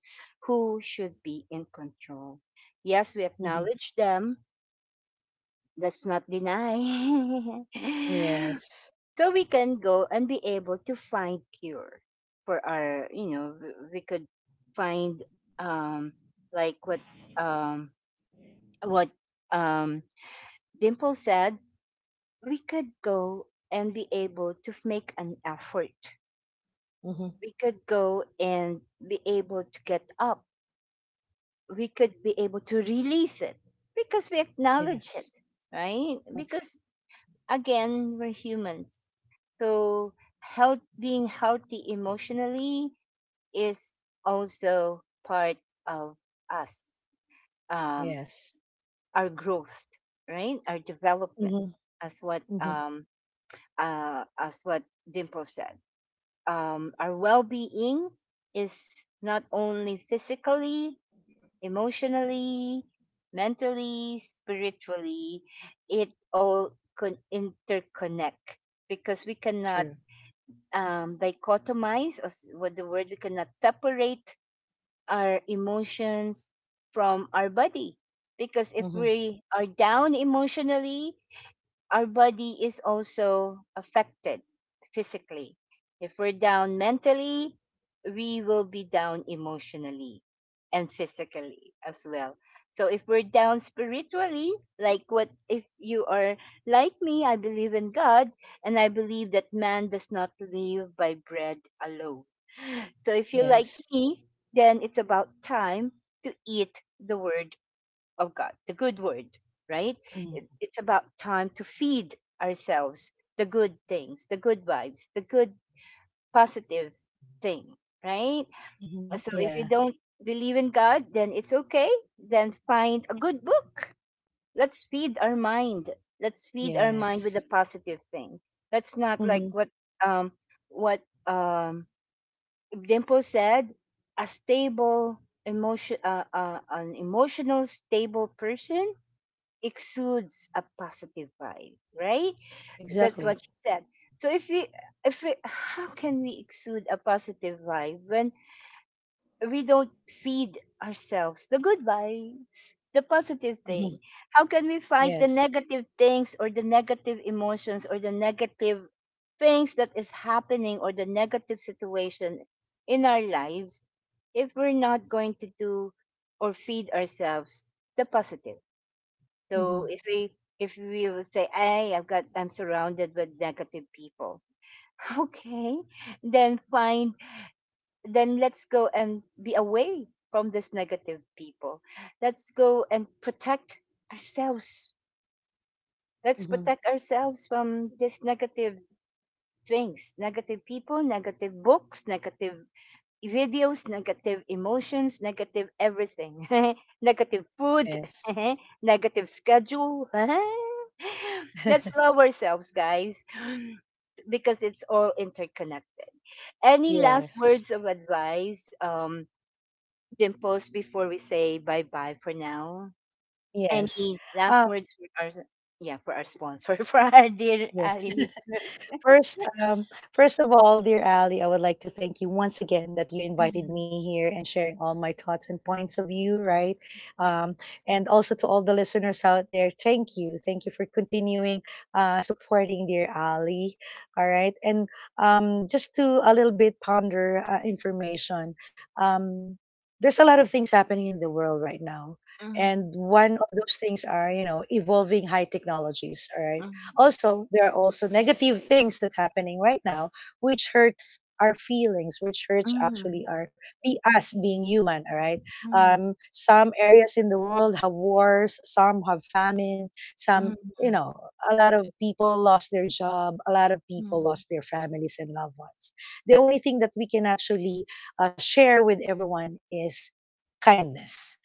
who should be in control. Yes, we Mm-hmm. acknowledge them. Let's not deny. (laughs) Yes. So we can go and be able to find cure for our, you know, we could find um like um what um Dimple said. We could go and be able to make an effort, Mm-hmm. we could go and be able to get up, we could be able to release it because we acknowledge Yes. it, right? Okay. Because again, we're humans, so health, being healthy emotionally, is also part of us, um, Yes. our growth, right? Our development, Mm-hmm. as what, Mm-hmm. As what Dimple said. Our well-being is not only physically, emotionally, mentally, spiritually. It all can interconnect because we cannot, True. Dichotomize, or what the word, we cannot separate our emotions from our body, because if Mm-hmm. we are down emotionally, our body is also affected physically. If we're down mentally, we will be down emotionally and physically as well. So if we're down spiritually, like what if you are like me, I believe in God and I believe that man does not live by bread alone. So if you're like Yes. me, then it's about time to eat the word of God, the good word, right? It's about time to feed ourselves the good things, the good vibes, the good positive thing, right? Mm-hmm. So if you Yeah. don't believe in God, then it's okay. Then find a good book. Let's feed our mind. Let's feed our mind with a Yes. positive thing. Let's not, like Mm-hmm. what um what um Dimple said, a stable emotion, an emotional stable person exudes a positive vibe, right? That's Exactly. what she said. So if we, how can we exude a positive vibe when we don't feed ourselves the good vibes, the positive Hmm. thing? How can we fight the Yes. negative things, or the negative emotions, or the negative things that is happening, or the negative situation in our lives, if we're not going to do or feed ourselves the positive? So Hmm. If we will say, "Hey, I'm surrounded with negative people." (laughs) Okay, then find, then let's go and be away from this negative people. Let's go and protect ourselves. Let's Hmm. protect ourselves from these negative things, negative people, negative books, negative videos, negative emotions, negative everything, (laughs) negative food, Yes. (laughs) negative schedule. (laughs) Let's (laughs) love ourselves, guys, (gasps) because it's all interconnected. Any last Yes. words of advice, Dimples, before we say bye bye for now? Yes. Any last Uh, words for our, yeah, for our sponsor (laughs) for our dear Ali yeah. listeners? (laughs) (laughs) First, first of all, dear Ali, I would like to thank you once again that you invited Mhm, me here and sharing all my thoughts and points of view, right? Um, and also to all the listeners out there, thank you for continuing supporting dear Ali. All right, and just to a little bit ponder information. Um, there's a lot of things happening in the world right now, mhm, and one of those things are, you know, evolving high technologies. All right, also, there are also negative things that happening right now, which hurts our feelings, which hurts actually mhm, our be us being human. All right. mhm, Some areas in the world have wars. Some have famine. mhm, Some, you know, a lot of people lost their job. A lot of people mhm, lost their families and loved ones. The only thing that we can actually share with everyone is kindness,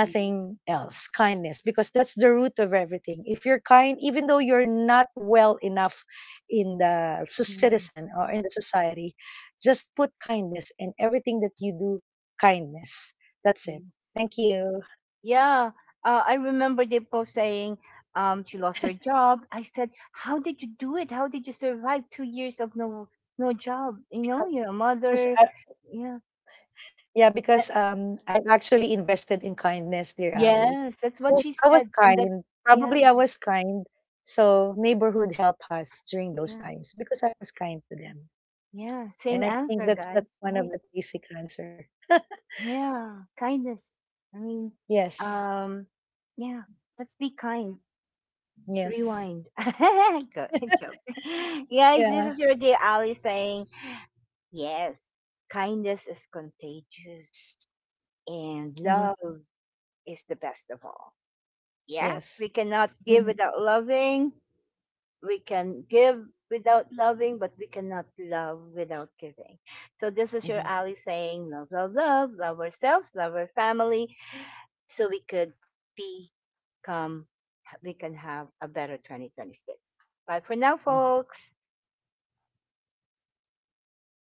mhm. else. Kindness, because that's the root of everything. If you're kind, even though you're not well enough in the Mm, citizen or in the society, just put kindness and everything that you do, kindness. That's it. yeah. Thank you. Yeah, I remember the post saying, she lost her job. I said, "How did you do it? How did you survive 2 years of no job? You know, Because, you're a because mother." I, Yeah, yeah, because that- I actually invested in kindness, dear Ali. yes, that's what I she I was said, and that, kind. yeah, Probably I was kind. So neighborhood helped us during those yeah, times because I was kind to them. yeah. And Same I think answer, that's guys, one of right? the basic answer. Yeah, kindness. I mean, Yes. um, yeah. Let's be kind. Yes. Rewind. (laughs) Go (laughs) joke. (laughs) Guys, this Yeah. is your day, Ali saying. Yes, kindness is contagious and Hmm. love is the best of all. Yeah, Yes. we cannot give Hmm. without loving. We can give without loving, but we cannot love without giving. So, this is your Ali saying, love, love, love, love ourselves, love our family, so we could become, we can have a better 2026. Bye for now, Hmm. folks.